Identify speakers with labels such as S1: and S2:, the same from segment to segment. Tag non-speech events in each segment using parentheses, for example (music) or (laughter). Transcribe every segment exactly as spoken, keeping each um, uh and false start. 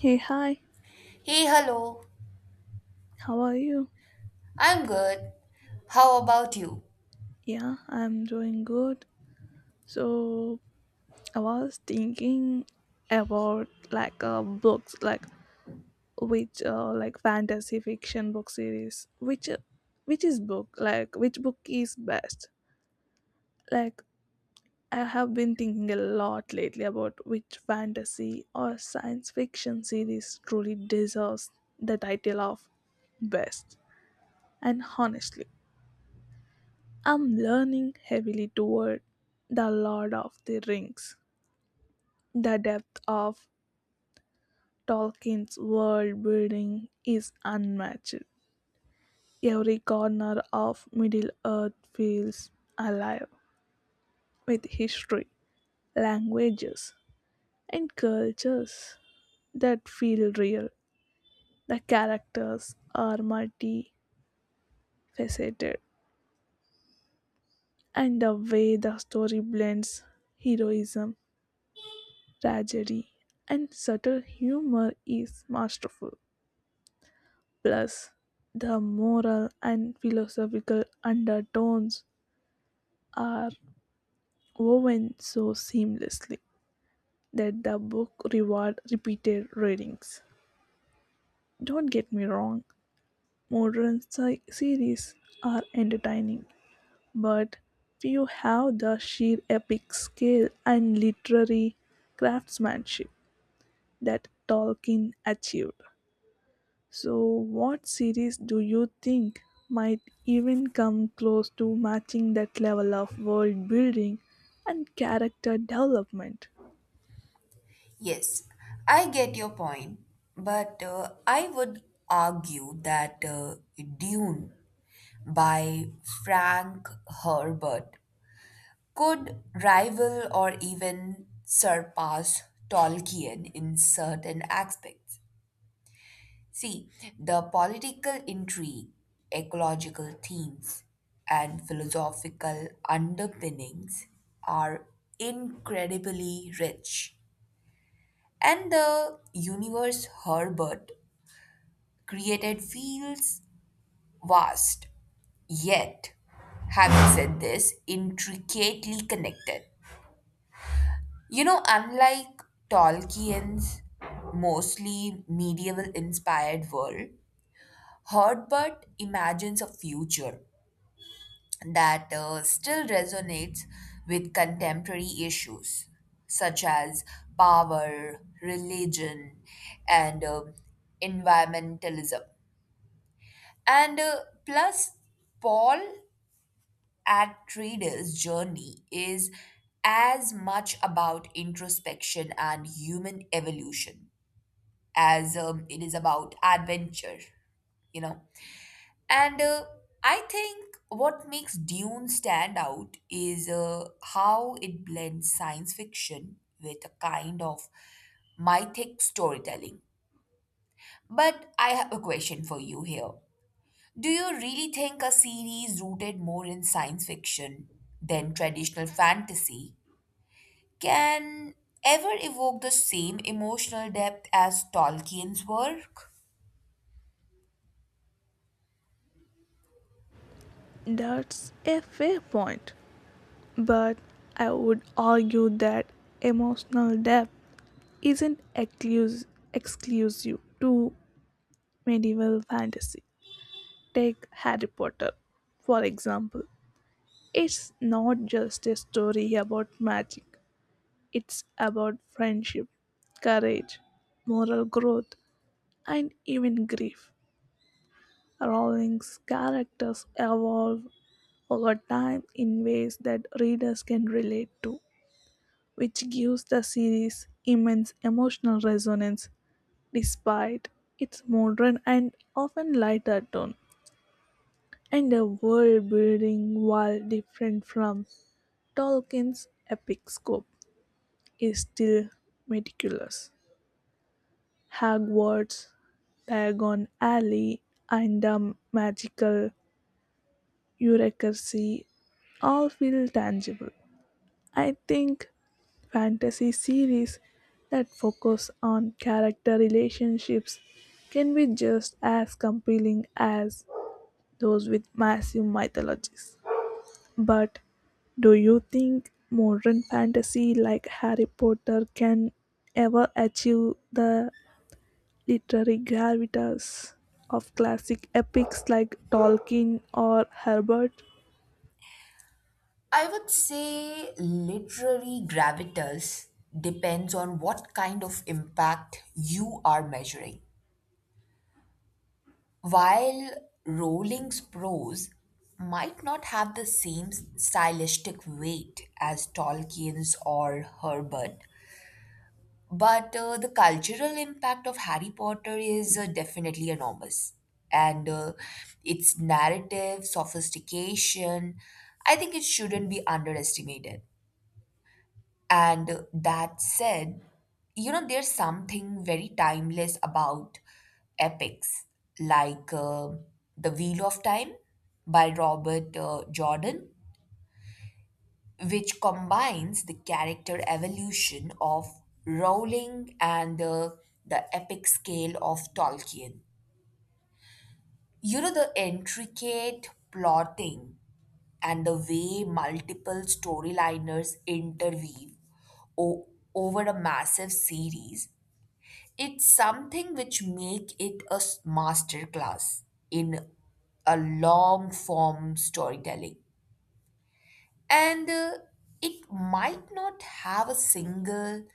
S1: Hey, hi,
S2: Hey, hello.
S1: how are you?
S2: I'm good. How about you?
S1: Yeah, I'm doing good. So, I was thinking about like uh, books, like which uh, like fantasy fiction book series, which uh, which is book, like which book is best. Like I have been thinking a lot lately about which fantasy or science fiction series truly deserves the title of best. And honestly, I'm learning heavily toward The Lord of the Rings. The depth of Tolkien's world building is unmatched. Every corner of Middle Earth feels alive with history, languages, and cultures that feel real. The characters are multifaceted, and the way the story blends heroism, tragedy, and subtle humor is masterful. Plus, the moral and philosophical undertones are woven so seamlessly that the book reward repeated readings. Don't get me wrong, modern si- series are entertaining, but few have the sheer epic scale and literary craftsmanship that Tolkien achieved. So, what series do you think might even come close to matching that level of world building and character development?
S2: Yes, I get your point, but uh, I would argue that uh, Dune by Frank Herbert could rival or even surpass Tolkien in certain aspects. See, the political intrigue, ecological themes, and philosophical underpinnings are incredibly rich. And the universe Herbert created feels vast, yet, having said this, intricately connected. You know, unlike Tolkien's mostly medieval inspired world, Herbert imagines a future that uh, still resonates with contemporary issues such as power, religion, and uh, environmentalism. And uh, plus, Paul Atreides' journey is as much about introspection and human evolution as um, it is about adventure, you know. And uh, I think what makes Dune stand out is uh, how it blends science fiction with a kind of mythic storytelling. But I have a question for you here. Do you really think a series rooted more in science fiction than traditional fantasy can ever evoke the same emotional depth as Tolkien's work?
S1: That's a fair point, but I would argue that emotional depth isn't exclus- exclusive to medieval fantasy. Take Harry Potter, for example. It's not just a story about magic, it's about friendship, courage, moral growth, and even grief. Rowling's characters evolve over time in ways that readers can relate to, which gives the series immense emotional resonance despite its modern and often lighter tone, and the world building, while different from Tolkien's epic scope, is still meticulous. Hogwarts, Diagon Alley, and the magical bureaucracy all feel tangible. I think fantasy series that focus on character relationships can be just as compelling as those with massive mythologies. But do you think modern fantasy like Harry Potter can ever achieve the literary gravitas of classic epics like Tolkien or Herbert?
S2: I would say literary gravitas depends on what kind of impact you are measuring. While Rowling's prose might not have the same stylistic weight as Tolkien's or Herbert, but uh, the cultural impact of Harry Potter is uh, definitely enormous. And uh, its narrative, sophistication, I think it shouldn't be underestimated. And that said, you know, there's something very timeless about epics like uh, The Wheel of Time by Robert uh, Jordan, which combines the character evolution of Rowling and uh, the epic scale of Tolkien. You know, the intricate plotting and the way multiple storyliners interweave o- over a massive series it's something which make it a s- masterclass in a long form storytelling and uh, it might not have a single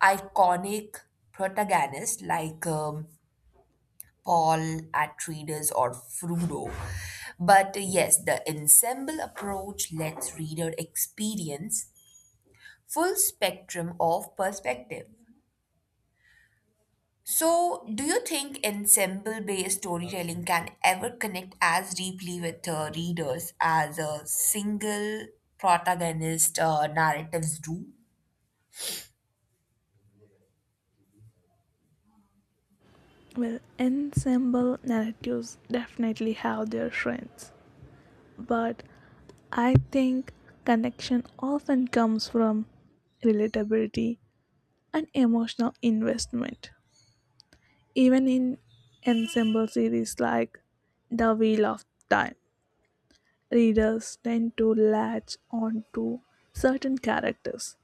S2: iconic protagonist like um, Paul Atreides or Frodo. But uh, yes, the ensemble approach lets reader experience full spectrum of perspective. So, do you think ensemble-based storytelling can ever connect as deeply with uh, readers as a single protagonist uh, narratives do?
S1: Well, ensemble narratives definitely have their strengths, but I think connection often comes from relatability and emotional investment. Even in ensemble series like The Wheel of Time, readers tend to latch on to certain characters,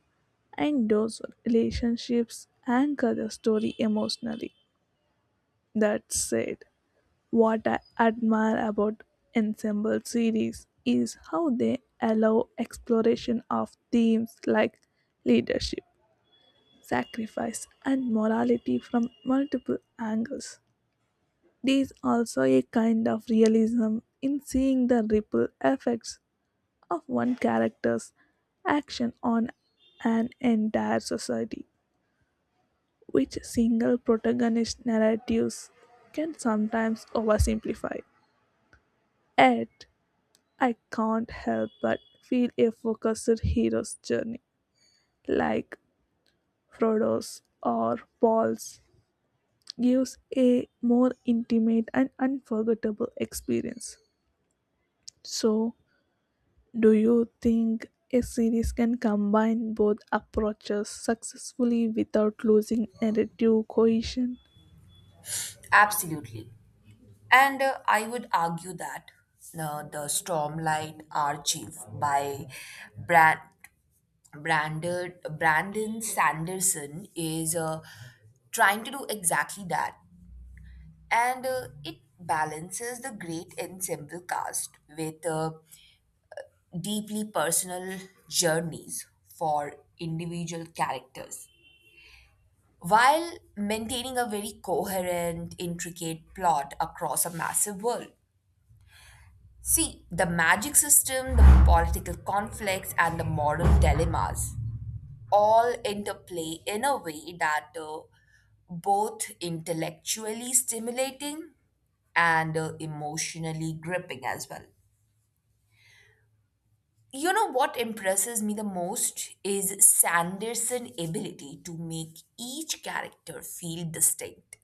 S1: and those relationships anchor the story emotionally. That said, what I admire about ensemble series is how they allow exploration of themes like leadership, sacrifice, and morality from multiple angles. There is also a kind of realism in seeing the ripple effects of one character's action on an entire society, which single protagonist narratives can sometimes oversimplify. Yet, I can't help but feel a focused hero's journey, like Frodo's or Paul's, gives a more intimate and unforgettable experience. So, do you think a series can combine both approaches successfully without losing narrative cohesion?
S2: Absolutely. And uh, I would argue that uh, the Stormlight Archive by Brand Branded Brandon Sanderson is uh, trying to do exactly that, and uh, it balances the great ensemble cast with. Uh, deeply personal journeys for individual characters while maintaining a very coherent, intricate plot across a massive world. See, the magic system, the political conflicts, and the moral dilemmas all interplay in a way that uh, both intellectually stimulating and uh, emotionally gripping as well. You know what impresses me the most is Sanderson's ability to make each character feel distinct,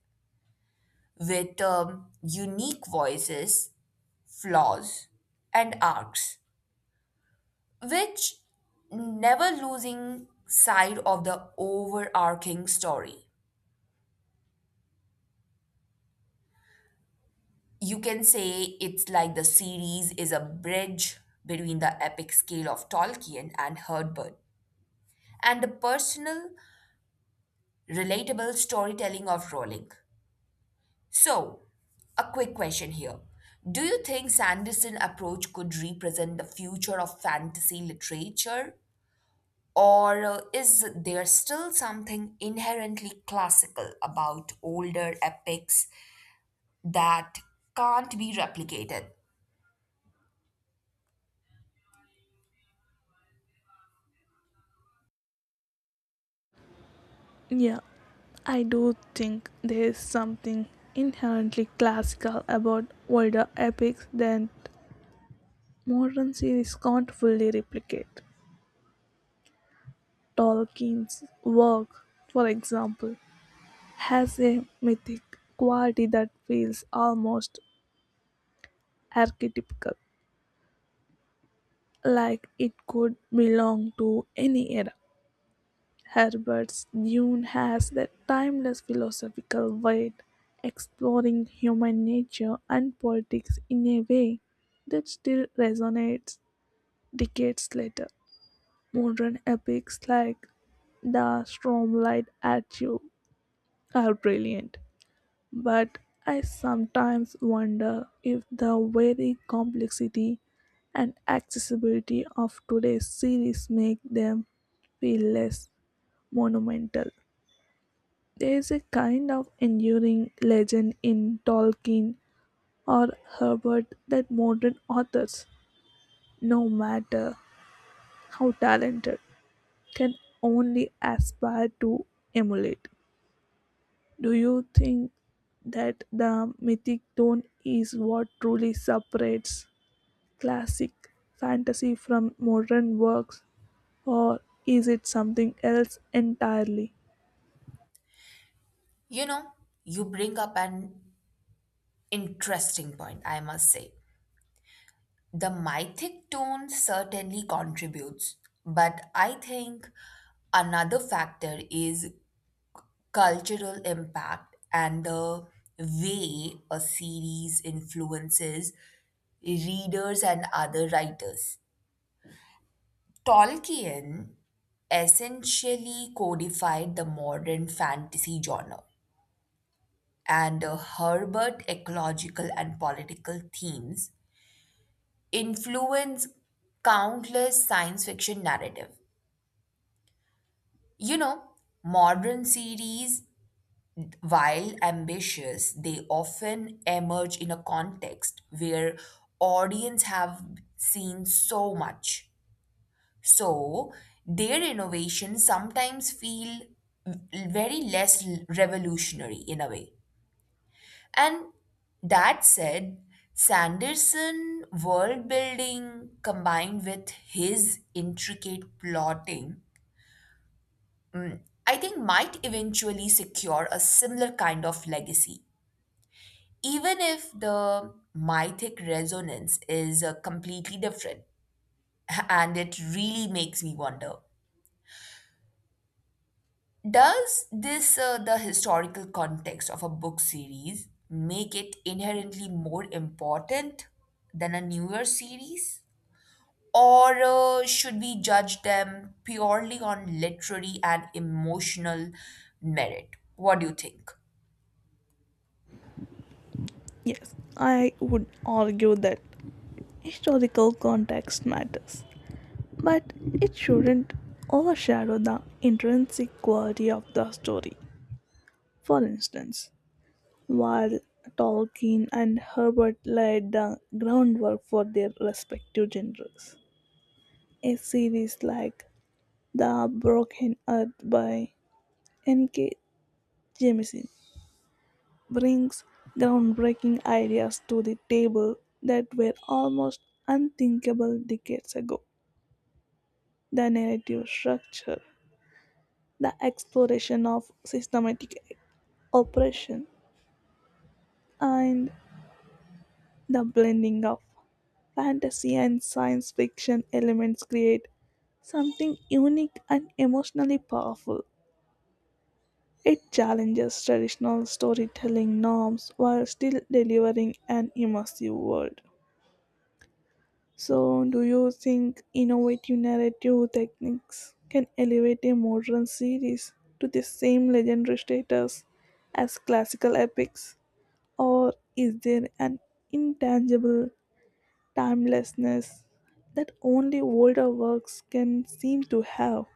S2: with um, unique voices, flaws, and arcs, which never losing sight of the overarching story. You can say it's like the series is a bridge between the epic scale of Tolkien and Herbert and the personal, relatable storytelling of Rowling. So, a quick question here. Do you think Sanderson approach could represent the future of fantasy literature? Or uh, is there still something inherently classical about older epics that can't be replicated?
S1: Yeah, I do think there is something inherently classical about older epics that modern series can't fully replicate. Tolkien's work, for example, has a mythic quality that feels almost archetypical, like it could belong to any era. Herbert's Dune has that timeless philosophical weight, exploring human nature and politics in a way that still resonates decades later. Modern epics like The Stormlight Archive* are brilliant, but I sometimes wonder if the very complexity and accessibility of today's series make them feel less monumental. There is a kind of enduring legend in Tolkien or Herbert that modern authors, no matter how talented, can only aspire to emulate. Do you think that the mythic tone is what truly separates classic fantasy from modern works, or is it something else entirely?
S2: You know, you bring up an interesting point, I must say. The mythic tone certainly contributes, but I think another factor is cultural impact and the way a series influences readers and other writers. Tolkien essentially codified the modern fantasy genre, and uh, Herbert ecological and political themes influence countless science fiction narrative. You know, modern series while ambitious, they often emerge in a context where audience have seen so much. So their innovations sometimes feel very less revolutionary in a way. And that said, Sanderson world building combined with his intricate plotting, I think might eventually secure a similar kind of legacy even if the mythic resonance is uh, completely different (laughs) and it really makes me wonder does this uh, the historical context of a book series make it inherently more important than a newer series or uh, should we judge them purely on literary and emotional merit, what do you think?
S1: Yes, I would argue that historical context matters, but it shouldn't overshadow the intrinsic quality of the story. For instance, while Tolkien and Herbert laid the groundwork for their respective genres, a series like The Broken Earth by N K. Jemisin brings groundbreaking ideas to the table that were almost unthinkable decades ago. The narrative structure, the exploration of systematic oppression, and the blending of fantasy and science fiction elements create something unique and emotionally powerful. It challenges traditional storytelling norms while still delivering an immersive world. So, do you think innovative narrative techniques can elevate a modern series to the same legendary status as classical epics? Or is there an intangible timelessness that only older works can seem to have?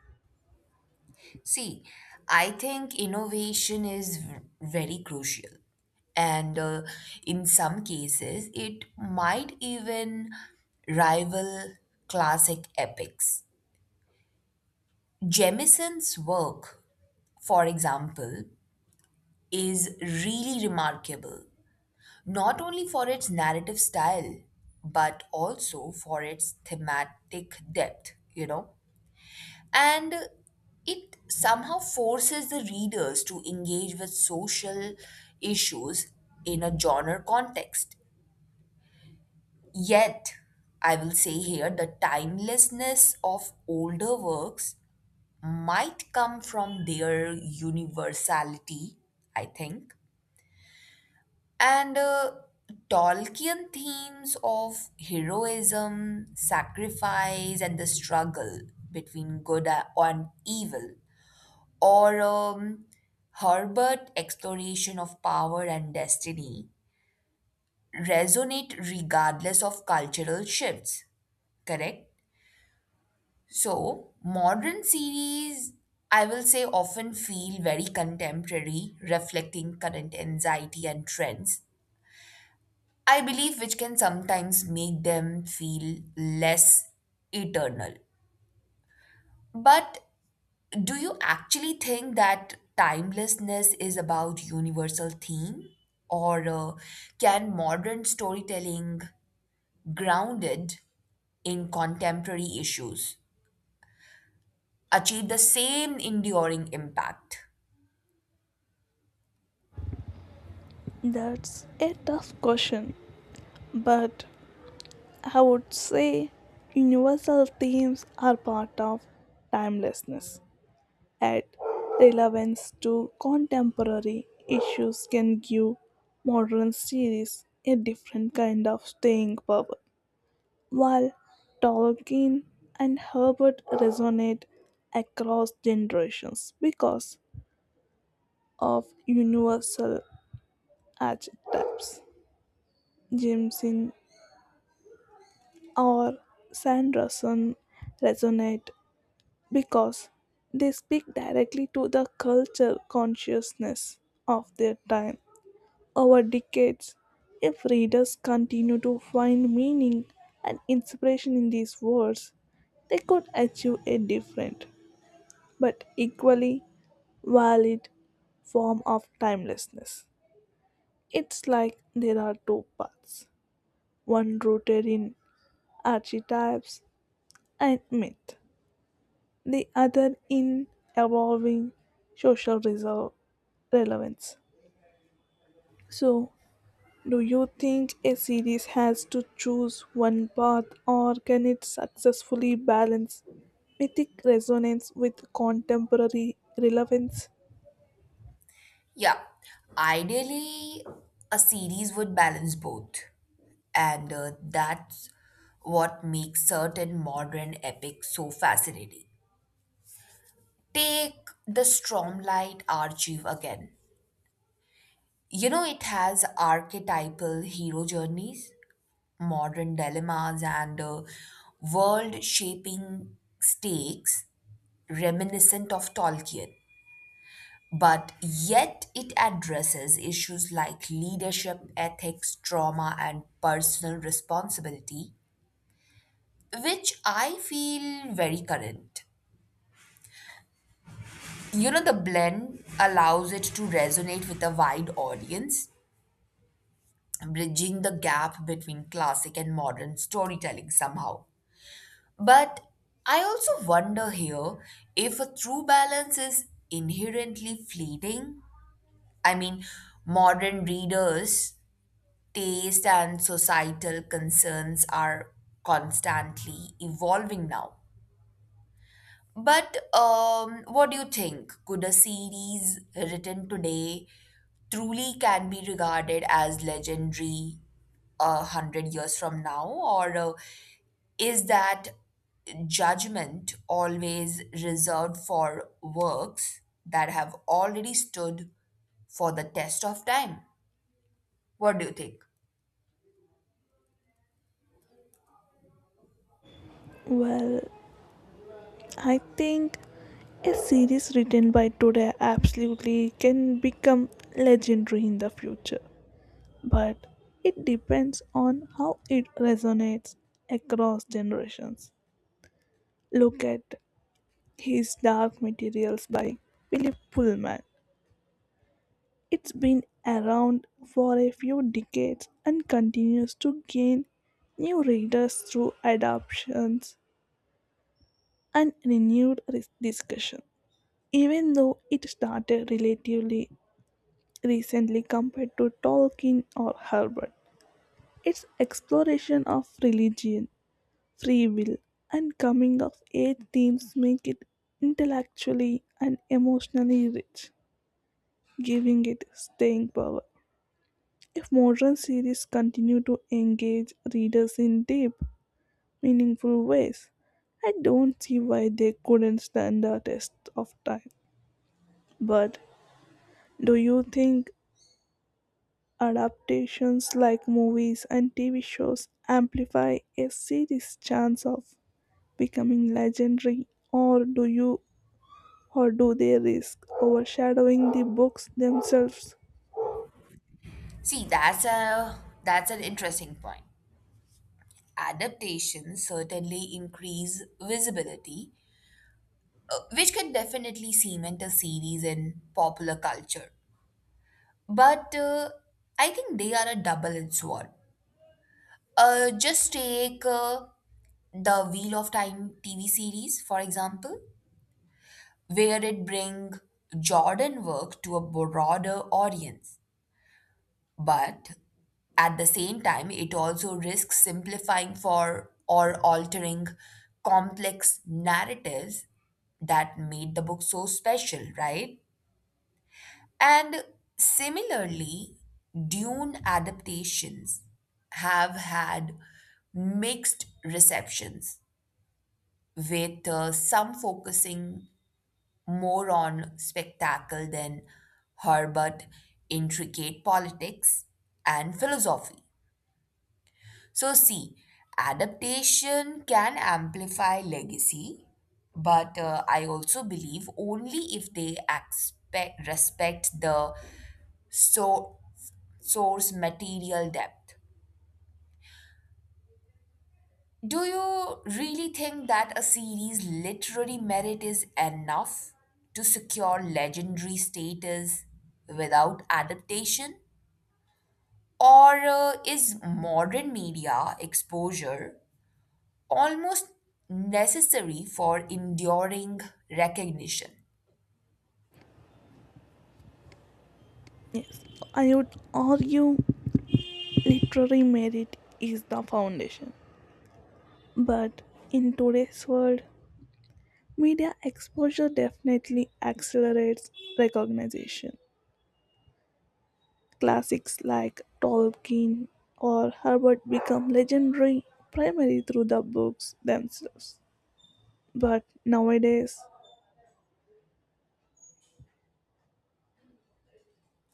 S2: See, I think innovation is v- very crucial. And uh, in some cases, it might even rival classic epics. Jemison's work, for example, is really remarkable, not only for its narrative style, but also for its thematic depth, you know. And it somehow forces the readers to engage with social issues in a genre context. Yet, I will say here the timelessness of older works might come from their universality, I think. And uh, Tolkien themes of heroism, sacrifice, and the struggle between good and evil or um, Herbert exploration of power and destiny resonate regardless of cultural shifts, correct? So, modern series, I will say, often feel very contemporary, reflecting current anxiety and trends. I believe which can sometimes make them feel less eternal. But do you actually think that timelessness is about universal theme, or uh, can modern storytelling grounded in contemporary issues achieve the same enduring impact?
S1: That's a tough question, but I would say universal themes are part of timelessness. At relevance to contemporary issues can give modern series a different kind of staying power. While Tolkien and Herbert resonate across generations because of universal archetypes, Jameson or Sanderson resonate because they speak directly to the culture consciousness of their time. Over decades, if readers continue to find meaning and inspiration in these words, they could achieve a different, but equally valid form of timelessness. It's like there are two paths, one rooted in archetypes and myth, the other in evolving social reserve relevance. So, do you think a series has to choose one path or can it successfully balance mythic resonance with contemporary relevance?
S2: Yeah, ideally, a series would balance both, and uh, that's what makes certain modern epics so fascinating. Take the Stormlight Archive again. You know, it has archetypal hero journeys, modern dilemmas, and uh, world shaping stakes reminiscent of Tolkien. But yet, it addresses issues like leadership, ethics, trauma, and personal responsibility, which I feel very current. You know, the blend allows it to resonate with a wide audience bridging the gap between classic and modern storytelling somehow. But I also wonder here if a true balance is inherently fleeting. I mean, modern readers' taste and societal concerns are constantly evolving now. But um, what do you think? Could a series written today truly can be regarded as legendary a hundred years from now, or uh, is that judgment always reserved for works that have already stood for the test of time? What do you think?
S1: Well, I think a series written by today absolutely can become legendary in the future, but it depends on how it resonates across generations. Look at His Dark Materials by Philip Pullman. It's been around for a few decades and continues to gain new readers through adaptations and renewed discussion, even though it started relatively recently compared to Tolkien or Herbert. Its exploration of religion, free will, and coming of age themes make it intellectually and emotionally rich, giving it staying power. If modern series continue to engage readers in deep, meaningful ways, I don't see why they couldn't stand the test of time. But do you think adaptations like movies and T V shows amplify a series' chance of becoming legendary, or do you or do they risk overshadowing the books themselves?
S2: See, that's a that's an interesting point. Adaptations certainly increase visibility uh, which can definitely cement a series in popular culture. But uh, I think they are a double-edged sword. Uh, just take uh, the Wheel of Time T V series, for example, where it bring Jordan work to a broader audience. But at the same time, it also risks simplifying for or altering complex narratives that made the book so special, right? And similarly, Dune adaptations have had mixed receptions, with uh, some focusing more on spectacle than Herbert intricate politics and philosophy. So, see, adaptation can amplify legacy, but uh, I also believe only if they expect, respect the so source material depth. Do you really think that a series' literary merit is enough to secure legendary status without adaptation? Or uh, is modern media exposure almost necessary for enduring recognition?
S1: Yes, I would argue literary merit is the foundation. But in today's world, media exposure definitely accelerates recognition. Classics like Tolkien or Herbert become legendary primarily through the books themselves. But nowadays,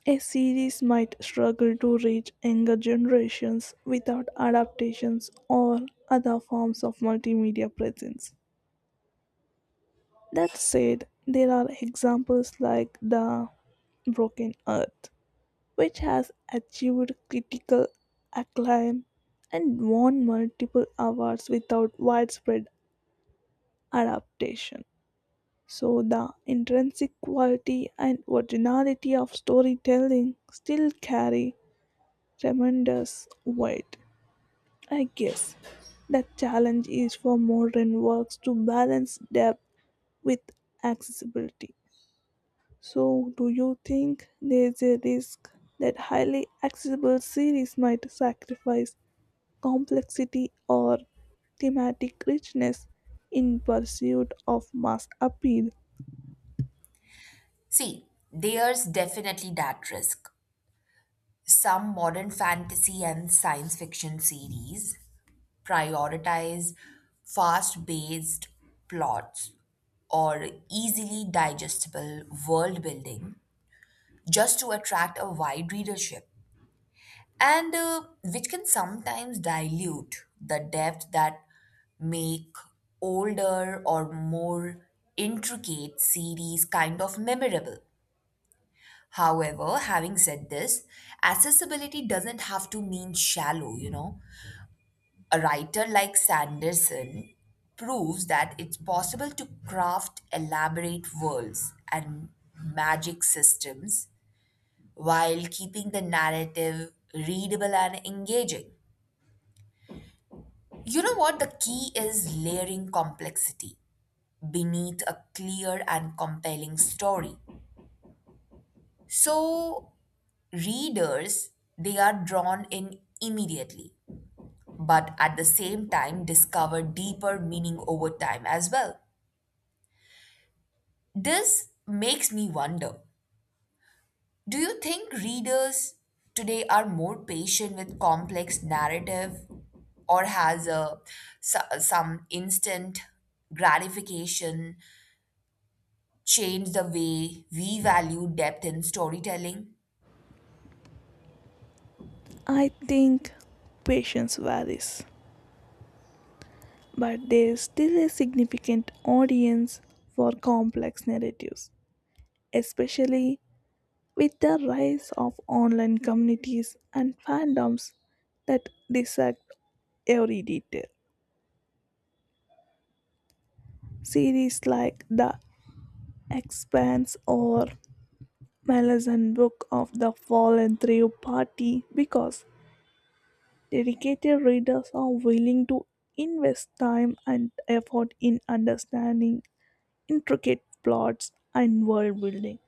S1: a series might struggle to reach younger generations without adaptations or other forms of multimedia presence. That said, there are examples like The Broken Earth, which has achieved critical acclaim and won multiple awards without widespread adaptation. So, the intrinsic quality and originality of storytelling still carry tremendous weight. I guess the challenge is for modern works to balance depth with accessibility. So, do you think there's a risk that highly accessible series might sacrifice complexity or thematic richness in pursuit of mass appeal?
S2: See, there's definitely that risk. Some modern fantasy and science fiction series prioritize fast paced plots or easily digestible world building just to attract a wide readership, and uh, which can sometimes dilute the depth that make older or more intricate series kind of memorable. However, having said this, accessibility doesn't have to mean shallow, you know. A writer like Sanderson proves that it's possible to craft elaborate worlds and magic systems while keeping the narrative readable and engaging. You know what? The key is layering complexity beneath a clear and compelling story. So, readers, they are drawn in immediately, but at the same time, discover deeper meaning over time as well. This makes me wonder, do you think readers today are more patient with complex narrative or has a, so- some instant gratification changed the way we value depth in storytelling?
S1: I think patience varies, but there is still a significant audience for complex narratives, especially with the rise of online communities and fandoms that dissect every detail. Series like The Expanse or Maleficent Book of the Fallen Three Party because dedicated readers are willing to invest time and effort in understanding intricate plots and world building.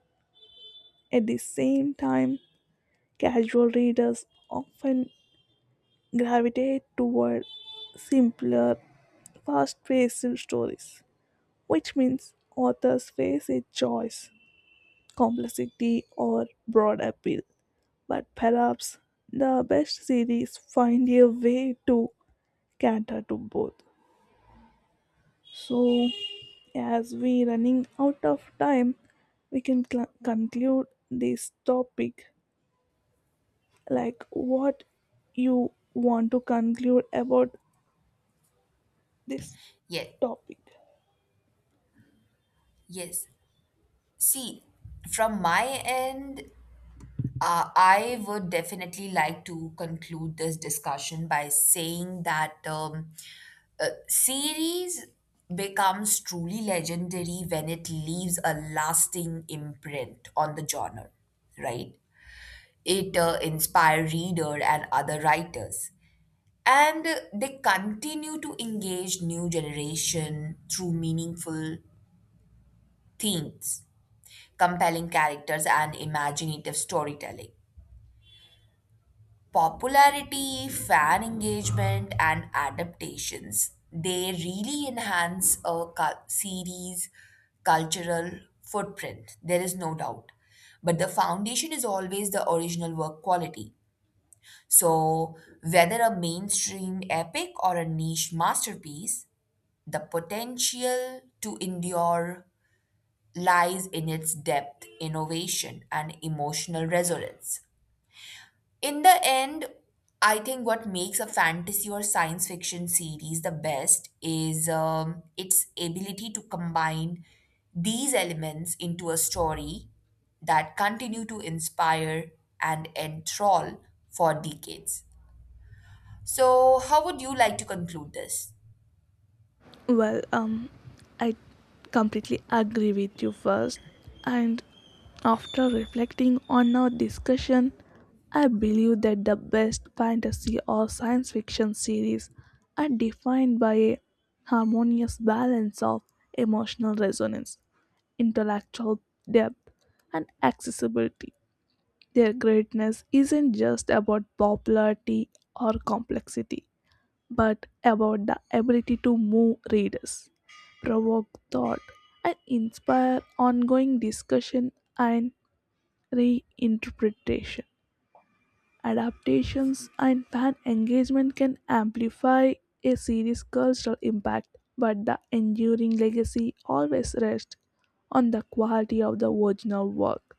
S1: At the same time, casual readers often gravitate toward simpler, fast paced stories, which means authors face a choice: complexity or broad appeal. But perhaps the best series find a way to cater to both. So, as we running out of time, we can cl- conclude this topic, like what you want to conclude about this
S2: Yet,
S1: topic.
S2: yes. See, from my end, Uh, I would definitely like to conclude this discussion by saying that um, uh, series becomes truly legendary when it leaves a lasting imprint on the genre, right? It uh, inspire reader and other writers, and uh, they continue to engage new generation through meaningful themes, compelling characters, and imaginative storytelling. Popularity, fan engagement, and adaptations. They really enhance a cul- series' cultural footprint, there is no doubt. But the foundation is always the original work quality. So, whether a mainstream epic or a niche masterpiece, the potential to endure lies in its depth, innovation, and emotional resonance. In the end, I think what makes a fantasy or science fiction series the best is um, its ability to combine these elements into a story that continue to inspire and enthrall for decades. So, how would you like to conclude this?
S1: Well, um, I completely agree with you first, and after reflecting on our discussion, I believe that the best fantasy or science fiction series are defined by a harmonious balance of emotional resonance, intellectual depth, and accessibility. Their greatness isn't just about popularity or complexity, but about the ability to move readers, provoke thought, and inspire ongoing discussion and reinterpretation. Adaptations and fan engagement can amplify a series' cultural impact, but the enduring legacy always rests on the quality of the original work.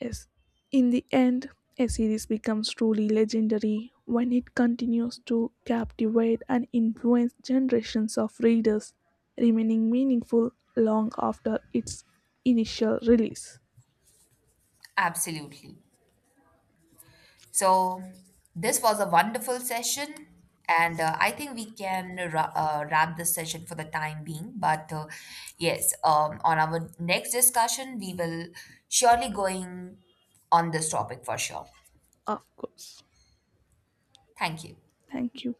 S1: Yes. In the end, a series becomes truly legendary when it continues to captivate and influence generations of readers, remaining meaningful long after its initial release.
S2: Absolutely. So, this was a wonderful session, and uh, I think we can ra- uh, wrap this session for the time being. But uh, yes, um, on our next discussion, we will surely going on this topic for sure.
S1: Of course.
S2: Thank you.
S1: Thank you.